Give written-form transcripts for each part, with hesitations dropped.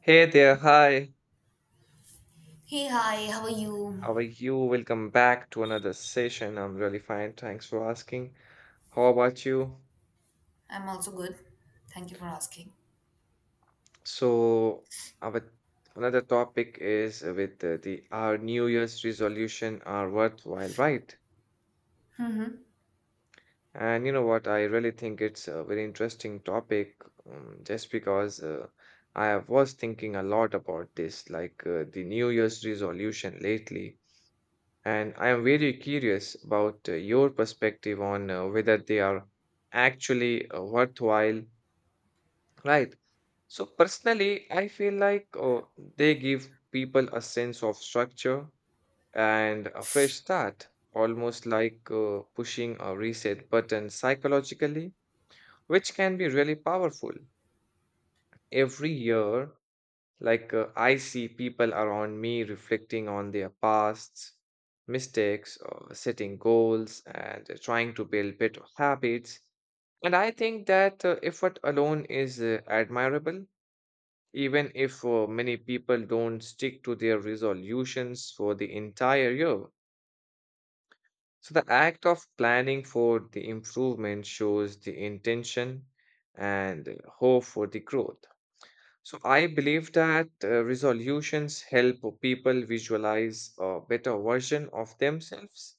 Hey there, hi. Hey, hi, how are you? How are you? Welcome back to another session. I'm really fine. Thanks for asking. How about you? I'm also good. Thank you for asking. So, our another topic is with the our New Year's resolution are worthwhile, right? Mm-hmm. And you know what? I really think it's a very interesting topic, just because I was thinking a lot about this, like the New Year's resolution lately. And I am very curious about your perspective on whether they are actually worthwhile, right? So, personally, I feel like they give people a sense of structure and a fresh start, almost like pushing a reset button psychologically, which can be really powerful. Every year, like, I see people around me reflecting on their pasts, mistakes, setting goals, and trying to build better habits. And I think that effort alone is admirable, even if many people don't stick to their resolutions for the entire year. So, the act of planning for the improvement shows the intention and hope for the growth. So I believe that resolutions help people visualize a better version of themselves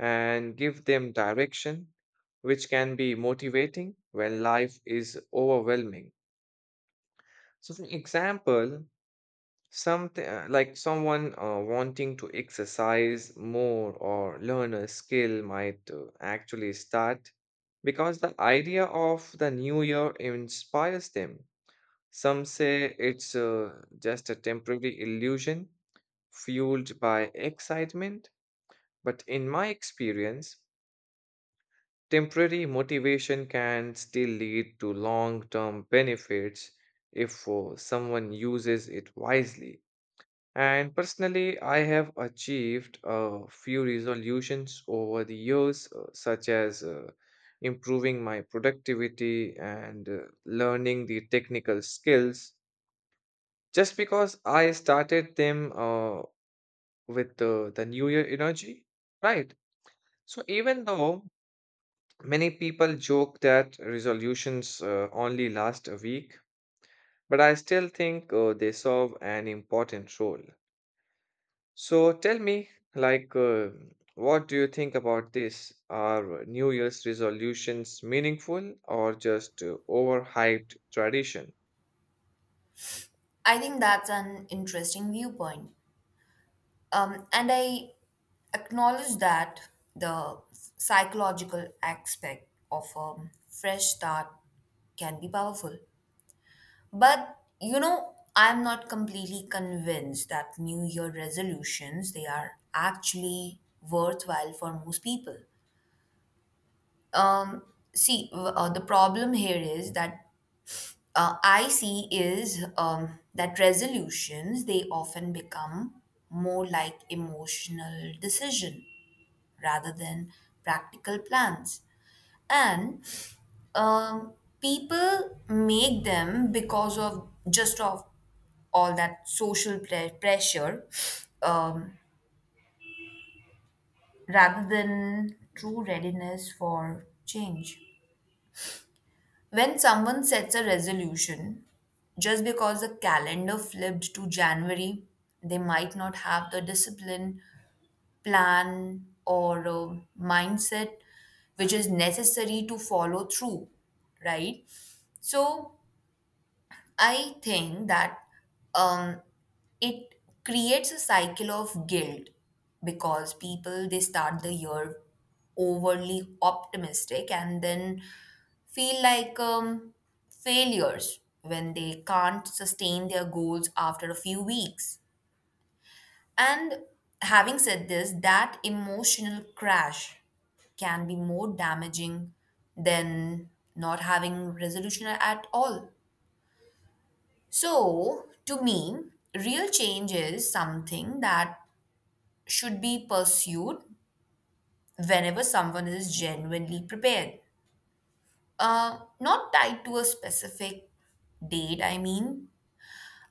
and give them direction, which can be motivating when life is overwhelming. So, for example, something like someone wanting to exercise more or learn a skill might actually start because the idea of the new year inspires them. Some say it's just a temporary illusion fueled by excitement, but in my experience, temporary motivation can still lead to long term benefits if someone uses it wisely. And personally, I have achieved a few resolutions over the years, such as improving my productivity and learning the technical skills just because I started them with the New Year energy, right? So even though many people joke that resolutions only last a week, but I still think they serve an important role. So tell me, like, what do you think about this? Are New Year's resolutions meaningful or just overhyped tradition? I think that's an interesting viewpoint. And I acknowledge that the psychological aspect of a fresh start can be powerful. But, you know, I'm not completely convinced that New Year resolutions, they are actually worthwhile for most people. Um, see, the problem here is that I see is that resolutions they often become more like emotional decision rather than practical plans, and um, people make them because of just of all that social pressure, um, rather than true readiness for change. When someone sets a resolution, just because the calendar flipped to January, they might not have the discipline, plan, or mindset which is necessary to follow through, right? So, I think that um, it creates a cycle of guilt because people they start the year overly optimistic and then feel like failures when they can't sustain their goals after a few weeks. And having said this, that emotional crash can be more damaging than not having resolution at all. So, to me, real change is something that should be pursued whenever someone is genuinely prepared. Not tied to a specific date, I mean.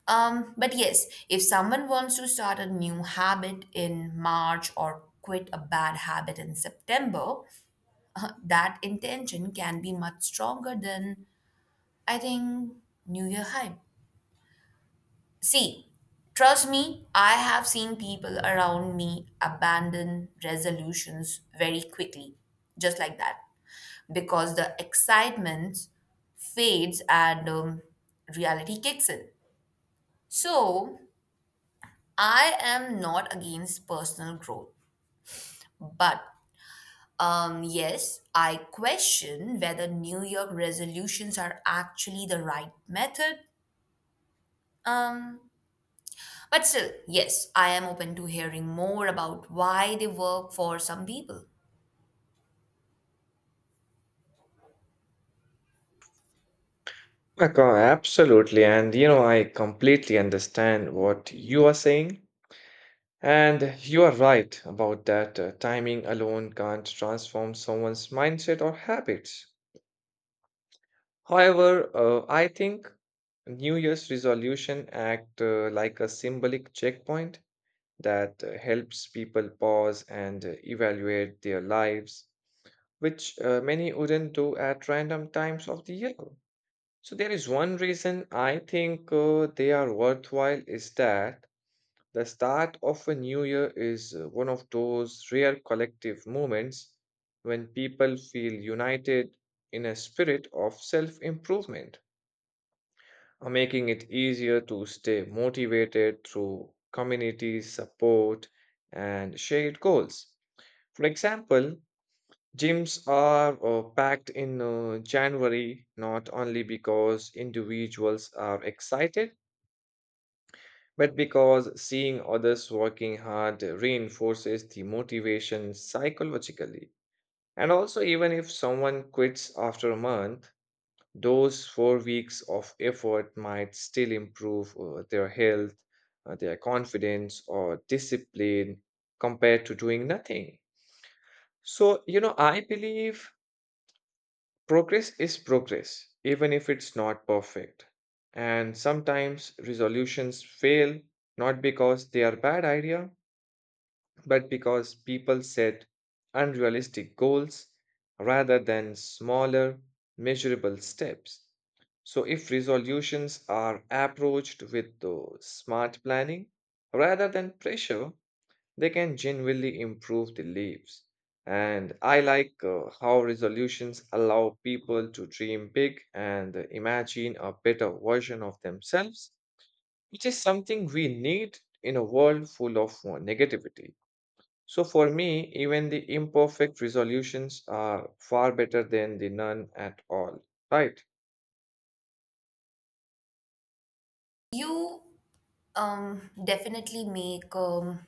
But yes, if someone wants to start a new habit in March or quit a bad habit in September, that intention can be much stronger than, I think, New Year hype. See, trust me, I have seen people around me abandon resolutions very quickly, just like that, because the excitement fades and reality kicks in. So, I am not against personal growth, but yes, I question whether New Year resolutions are actually the right method. Um, But still, yes, I am open to hearing more about why they work for some people. Okay, absolutely. And you know, I completely understand what you are saying. And you are right about that. Timing alone can't transform someone's mindset or habits. However, I think New Year's resolution act like a symbolic checkpoint that helps people pause and evaluate their lives, which many wouldn't do at random times of the year. So there is one reason I think they are worthwhile is that the start of a new year is one of those rare collective moments when people feel united in a spirit of self improvement, making it easier to stay motivated through community support and shared goals. For example, gyms are packed in January not only because individuals are excited but because seeing others working hard reinforces the motivation psychologically. And also, even if someone quits after a month, those 4 weeks of effort might still improve their health, their confidence, or discipline compared to doing nothing. So, you know, I believe progress is progress, even if it's not perfect. And sometimes resolutions fail not because they are bad idea but because people set unrealistic goals rather than smaller, measurable steps. So, if resolutions are approached with the smart planning rather than pressure, they can genuinely improve the lives. And I like how resolutions allow people to dream big and imagine a better version of themselves, which is something we need in a world full of negativity. So for me, even the imperfect resolutions are far better than the none at all, right? You definitely make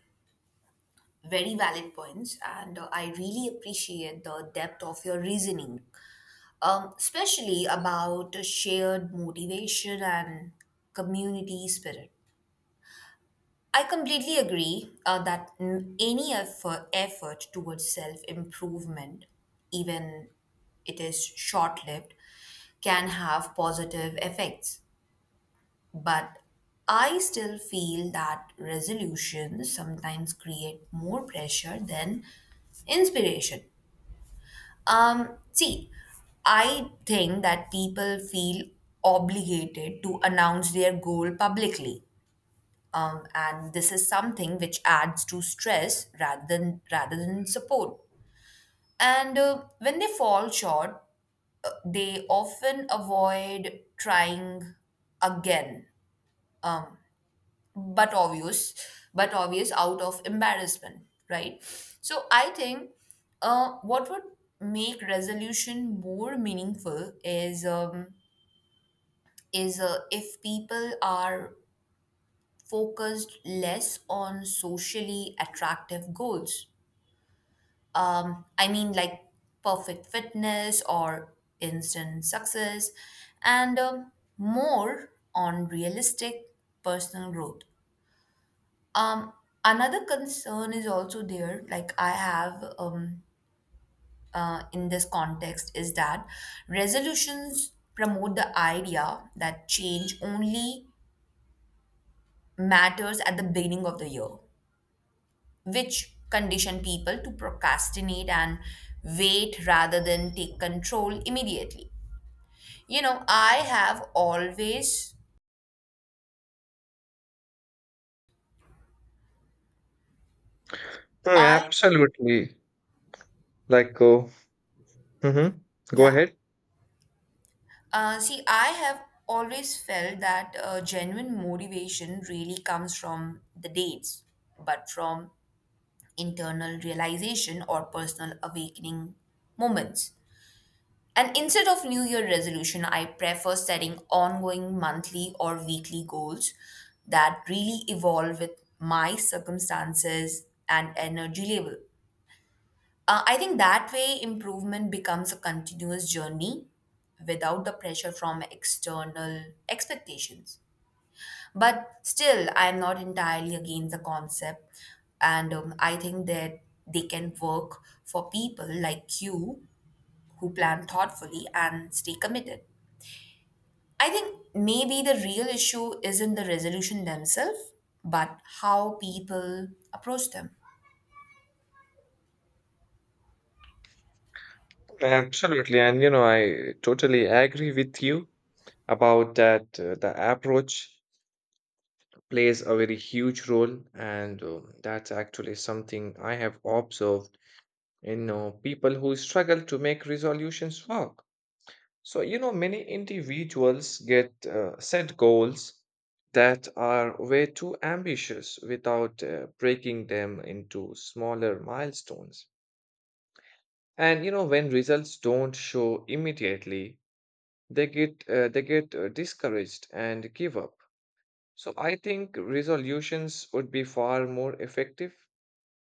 very valid points, and I really appreciate the depth of your reasoning, especially about shared motivation and community spirit. I completely agree that any effort towards self improvement, even it is short lived, can have positive effects. But I still feel that resolutions sometimes create more pressure than inspiration. See, I think that people feel obligated to announce their goal publicly and this is something which adds to stress rather than support. And when they fall short, they often avoid trying again, but obvious, but obvious, out of embarrassment, right? So I think what would make resolution more meaningful is if people are focused less on socially attractive goals, I mean, like perfect fitness or instant success, and more on realistic personal growth. Um, Another concern is also there, like I have in this context, is that resolutions promote the idea that change only matters at the beginning of the year, which condition people to procrastinate and wait rather than take control immediately. You know, I have always, Mm, I, absolutely. Like, mhm. Go yeah, ahead. See, I have always felt that genuine motivation really comes from the dates, but from internal realization or personal awakening moments. And instead of New Year resolution, I prefer setting ongoing monthly or weekly goals that really evolve with my circumstances and energy level. I think that way improvement becomes a continuous journey without the pressure from external expectations. But still, I'm not entirely against the concept. And I think that they can work for people like you who plan thoughtfully and stay committed. I think maybe the real issue isn't the resolution themselves, but how people approach them. Absolutely. And, you know, I totally agree with you about that. The approach plays a very huge role. And that's actually something I have observed in people who struggle to make resolutions work. So, you know, many individuals get set goals that are way too ambitious without breaking them into smaller milestones. And you know, when results don't show immediately, they get discouraged and give up. So, I think resolutions would be far more effective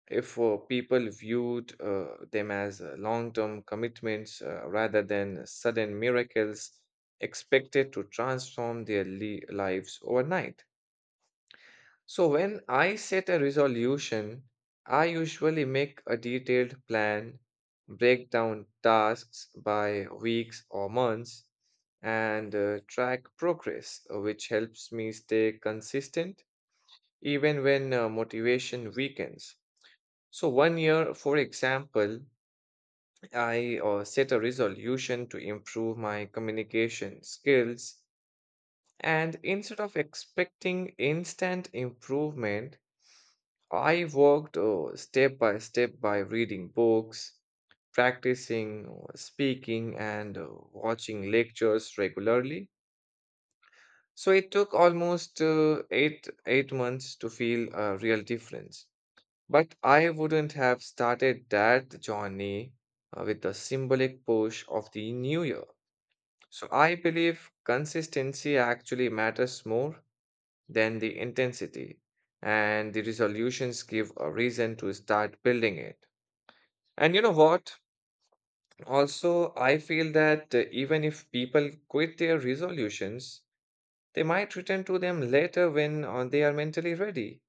if people viewed them as long-term commitments rather than sudden miracles expected to transform their lives overnight. So when I set a resolution, I usually make a detailed plan, break down tasks by weeks or months, and track progress, which helps me stay consistent even when motivation weakens. So, one year, for example, I set a resolution to improve my communication skills. And instead of expecting instant improvement, I worked step by step by reading books, practicing speaking, and watching lectures regularly. So, it took almost 8 months to feel a real difference. But I wouldn't have started that journey with the symbolic push of the new year. So I believe consistency actually matters more than the intensity, and the resolutions give a reason to start building it. And you know what? Also, I feel that even if people quit their resolutions, they might return to them later when they are mentally ready,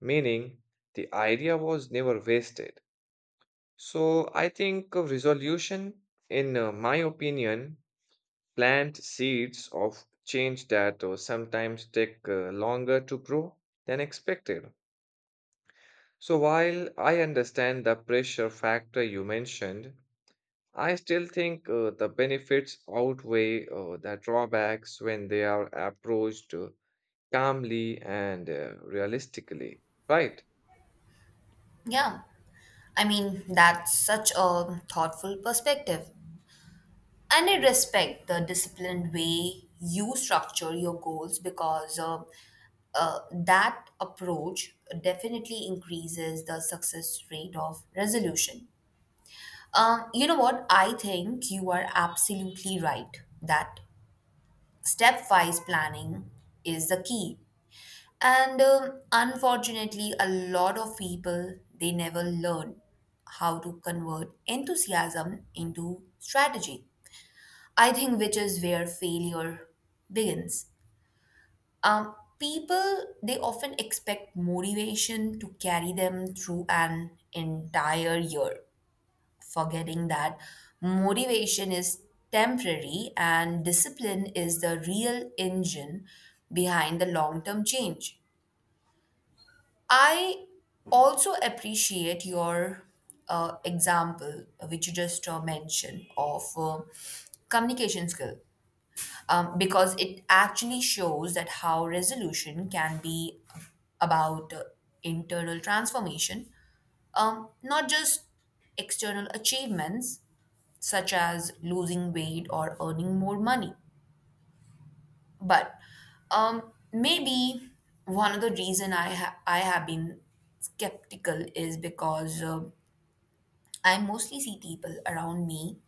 meaning the idea was never wasted. So I think a resolution, in my opinion, plant seeds of change that sometimes take longer to grow than expected. So while I understand the pressure factor you mentioned, I still think the benefits outweigh the drawbacks when they are approached calmly and realistically, right? Yeah. I mean, that's such a thoughtful perspective. And I respect the disciplined way you structure your goals because that approach definitely increases the success rate of resolution. You know what? I think you are absolutely right that stepwise planning is the key. And unfortunately, a lot of people they never learn how to convert enthusiasm into strategy, I think, which is where failure begins. People they often expect motivation to carry them through an entire year, forgetting that motivation is temporary and discipline is the real engine behind the long-term change. I also appreciate your example, which you just mentioned, of communication skill, because it actually shows that how resolution can be about internal transformation, not just external achievements such as losing weight or earning more money. But maybe one of the reason I have been skeptical is because I mostly see people around me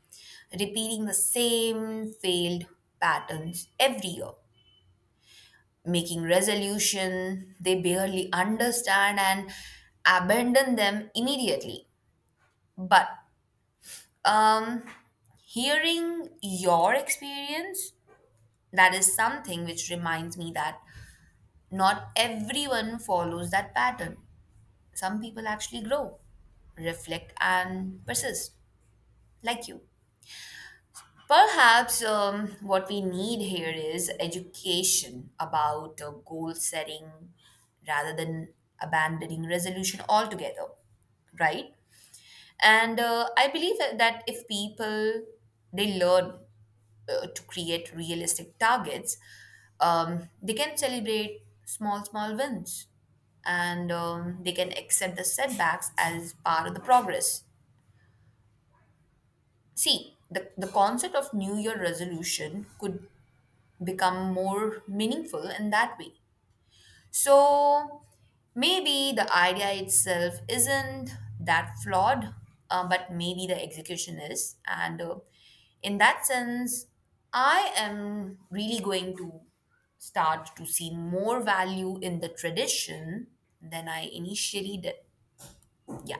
repeating the same failed patterns every year, making resolution they barely understand and abandon them immediately, but um hearing your experience, that is something which reminds me that not everyone follows that pattern. Some people actually grow, reflect and persist, like you. Perhaps what we need here is education about goal setting rather than abandoning resolution altogether, right? And I believe that if people they learn to create realistic targets, they can celebrate small small wins, and they can accept the setbacks as part of the progress. See, the concept of New Year resolution could become more meaningful in that way. So maybe the idea itself isn't that flawed, but maybe the execution is. And in that sense, I am really going to start to see more value in the tradition than I initially did. Yeah,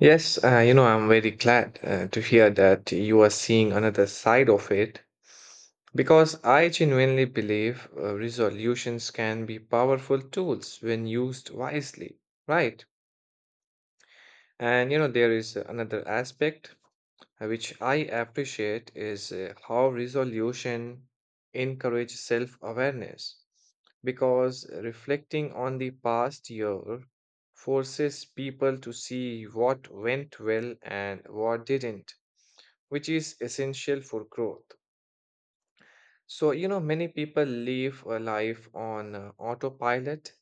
Yes, you know, I'm very glad to hear that you are seeing another side of it because I genuinely believe resolutions can be powerful tools when used wisely, right? And you know, there is another aspect which I appreciate is how resolution encourages self awareness because reflecting on the past year forces people to see what went well and what didn't, which is essential for growth. So, you know, many people live a life on autopilot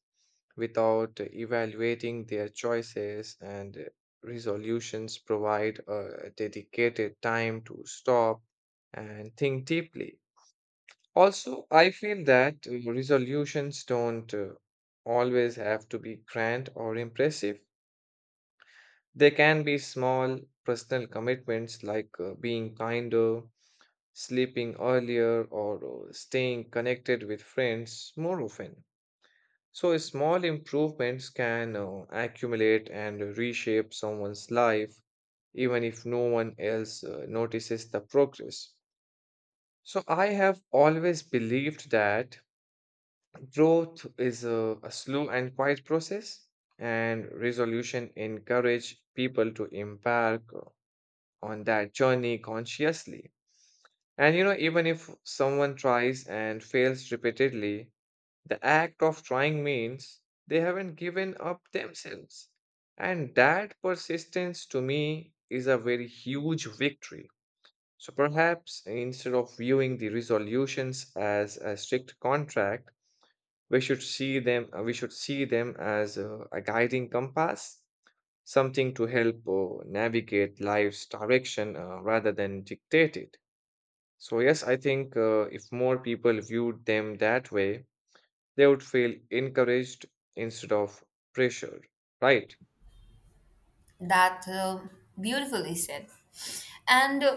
without evaluating their choices, and resolutions provide a dedicated time to stop and think deeply. Also, I feel that resolutions don't always have to be grand or impressive. They can be small personal commitments like being kinder, sleeping earlier, or staying connected with friends more often. So, small improvements can accumulate and reshape someone's life, even if no one else notices the progress. So, I have always believed that growth is a slow and quiet process, and resolution encourage people to embark on that journey consciously. And you know, even if someone tries and fails repeatedly, the act of trying means they haven't given up themselves. And that persistence to me is a very huge victory. So perhaps instead of viewing the resolutions as a strict contract, we should see them as a guiding compass, something to help navigate life's direction rather than dictate it. So, yes, I think if more people viewed them that way, they would feel encouraged instead of pressured, right? that beautifully said. And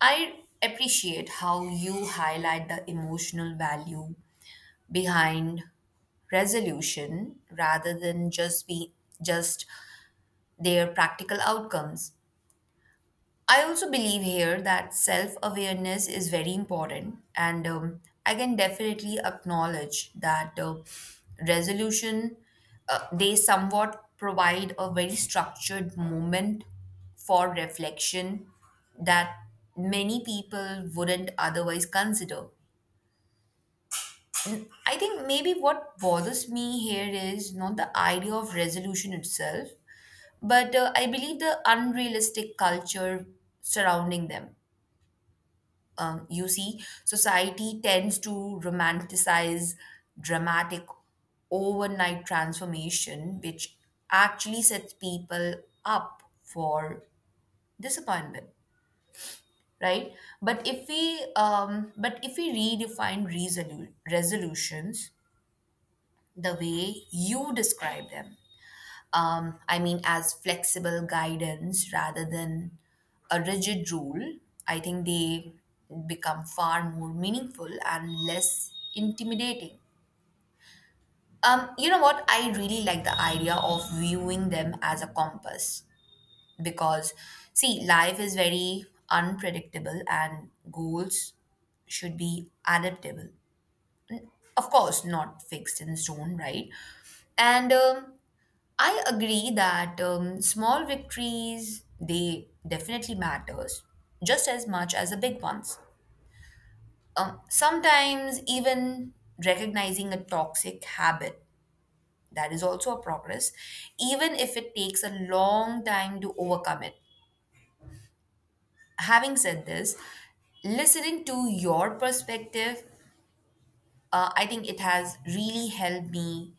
I appreciate how you highlight the emotional value behind resolution rather than just their practical outcomes. I also believe here that self awareness is very important and I can definitely acknowledge that resolution they somewhat provide a very structured moment for reflection that many people wouldn't otherwise consider. I think maybe what bothers me here is not the idea of resolution itself, but I believe the unrealistic culture surrounding them. You see, society tends to romanticize dramatic overnight transformation, which actually sets people up for disappointment, right? But if we redefine resolutions the way you describe them, I mean, as flexible guidance rather than a rigid rule, I think they become far more meaningful and less intimidating. You know what? I really like the idea of viewing them as a compass because, see, life is very unpredictable and goals should be adaptable. Of course, not fixed in stone, right? And I agree that small victories they definitely matters just as much as the big ones. Sometimes even recognizing a toxic habit, that is also a progress, even if it takes a long time to overcome it. Having said this, listening to your perspective, I think it has really helped me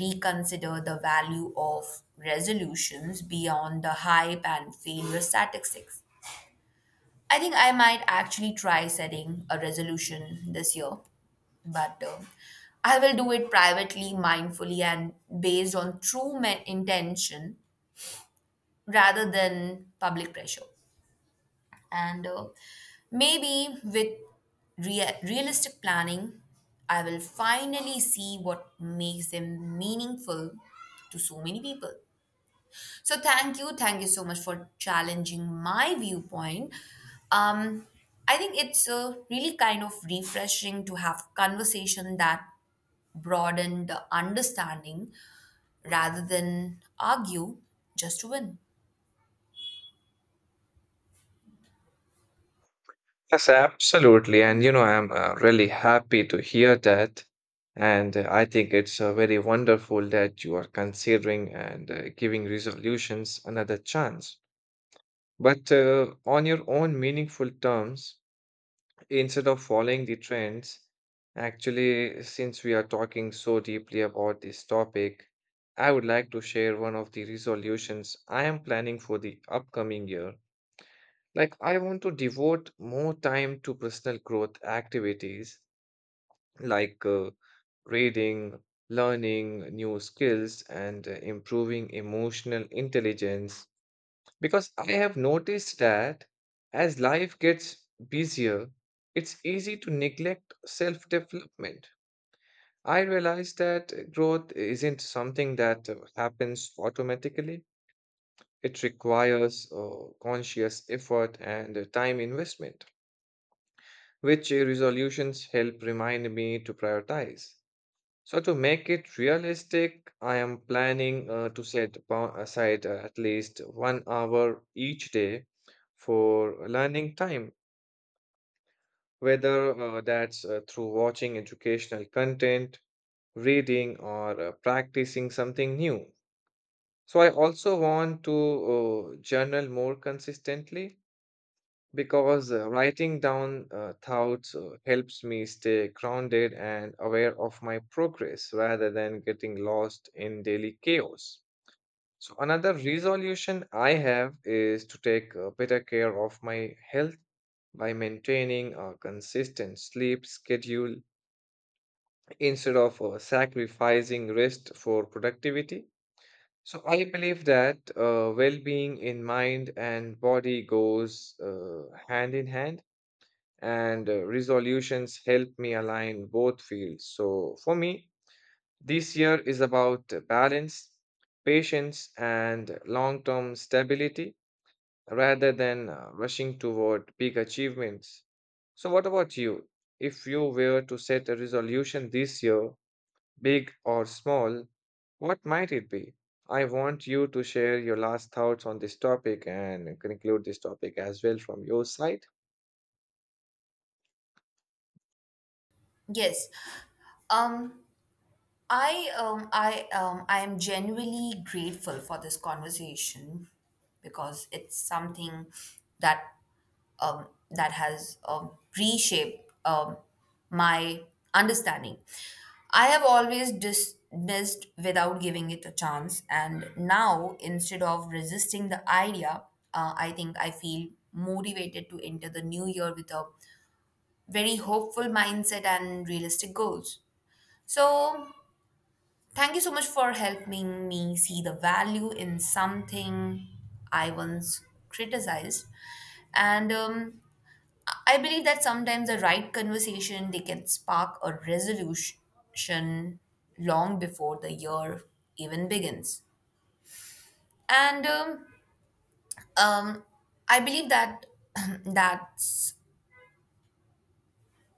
reconsider the value of resolutions beyond the hype and failure statistics. I think I might actually try setting a resolution this year, but I will do it privately, mindfully, and based on true intention rather than public pressure. And maybe with realistic planning, I will finally see what makes them meaningful to so many people. So thank you so much for challenging my viewpoint. Um, I think it's really kind of refreshing to have conversation that broaden the understanding rather than argue just to win. Yes, absolutely. And you know, I'm really happy to hear that. And I think it's very wonderful that you are considering and giving resolutions another chance, but on your own meaningful terms instead of following the trends. Actually, since we are talking so deeply about this topic, I would like to share one of the resolutions I am planning for the upcoming year. Like, I want to devote more time to personal growth activities like reading, learning new skills, and improving emotional intelligence. Because I have noticed that as life gets busier, it's easy to neglect self development. I realize that growth isn't something that happens automatically, it requires conscious effort and time investment, which resolutions help remind me to prioritize. So, to make it realistic, I am planning to set aside at least 1 hour each day for learning time, whether that's through watching educational content, reading, or practicing something new. So, I also want to journal more consistently because writing down thoughts helps me stay grounded and aware of my progress rather than getting lost in daily chaos. So, another resolution I have is to take better care of my health by maintaining a consistent sleep schedule instead of sacrificing rest for productivity. So, I believe that well being in mind and body goes hand in hand and resolutions help me align both fields. So for me, this year is about balance, patience, and long term stability rather than rushing toward big achievements. So, what about you? If you were to set a resolution this year, big or small, what might it be? I want you to share your last thoughts on this topic and conclude this topic as well from your side. Yes. Um, I am genuinely grateful for this conversation because it's something that has reshaped my understanding. I have always dismissed without giving it a chance, and now instead of resisting the idea, I think I feel motivated to enter the new year with a very hopeful mindset and realistic goals. So thank you so much for helping me see the value in something I once criticized. And I believe that sometimes the right conversation they can spark a resolution long before the year even begins. And um, I believe that that's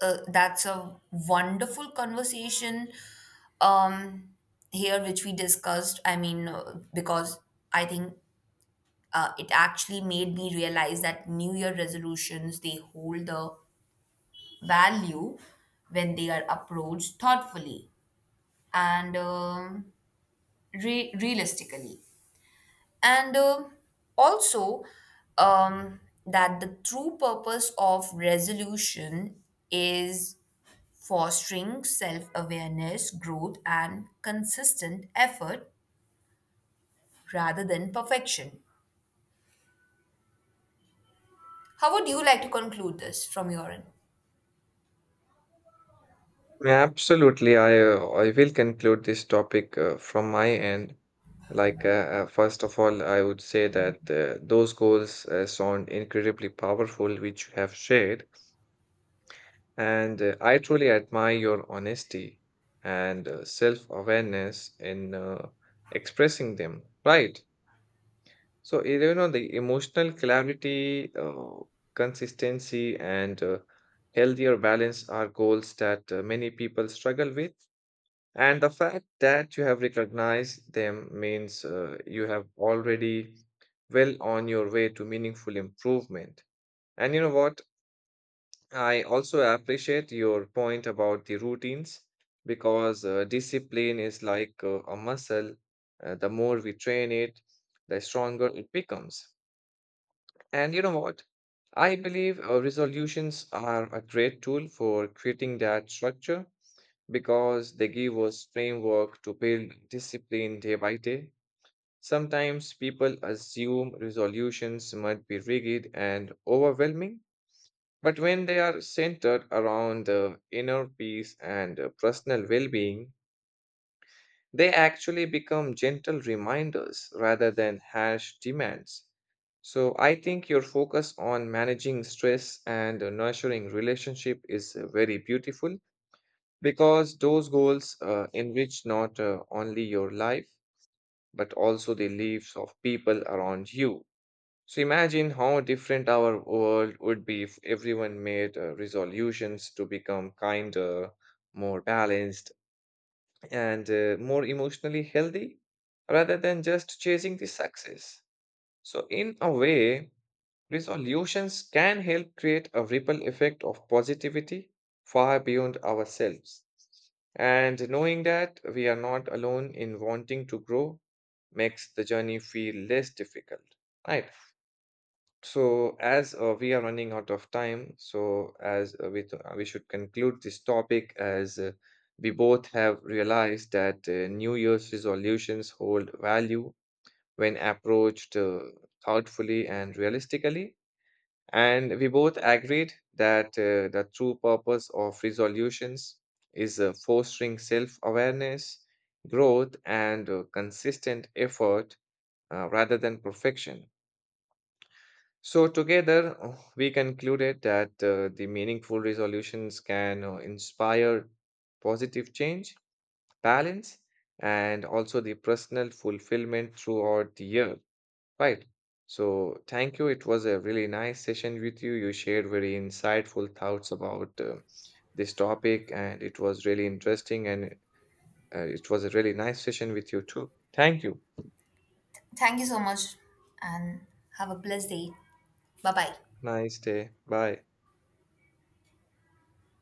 that's a wonderful conversation um, here, which we discussed. I mean, because I think it actually made me realize that new year resolutions they hold the value when they are approached thoughtfully and realistically and also um, that the true purpose of resolution is fostering self-awareness, growth and consistent effort rather than perfection. How would you like to conclude this from your end? Absolutely. I will conclude this topic from my end. Like first of all, I would say that those goals sound incredibly powerful, which you have shared, and I truly admire your honesty and self-awareness in expressing them. Right. So you know the emotional clarity, consistency, and healthier balance are goals that many people struggle with. And the fact that you have recognized them means you have already well on your way to meaningful improvement. And you know what? I also appreciate your point about the routines because discipline is like a muscle. The more we train it, the stronger it becomes. And you know what? I believe resolutions are a great tool for creating that structure because they give us framework to build discipline day by day. Sometimes people assume resolutions must be rigid and overwhelming, but when they are centered around the inner peace and personal well being, they actually become gentle reminders rather than harsh demands. So I think your focus on managing stress and nurturing relationship is very beautiful because those goals enrich not only your life but also the lives of people around you. So imagine how different our world would be if everyone made resolutions to become kinder, more balanced, and more emotionally healthy rather than just chasing the success. So in a way, resolutions can help create a ripple effect of positivity far beyond ourselves. And knowing that we are not alone in wanting to grow makes the journey feel less difficult. Right. So, as we are running out of time, so as we should conclude this topic, as we both have realized that New Year's resolutions hold value when approached thoughtfully and realistically. And we both agreed that the true purpose of resolutions is fostering self awareness, growth, and consistent effort rather than perfection. So, together, we concluded that the meaningful resolutions can inspire positive change, balance, and also the personal fulfillment throughout the year. Right. So, thank you. It was a really nice session with you. You shared very insightful thoughts about this topic, and it was really interesting. And it was a really nice session with you, too. Thank you. Thank you so much and have a blessed day. Bye bye. Nice day. Bye.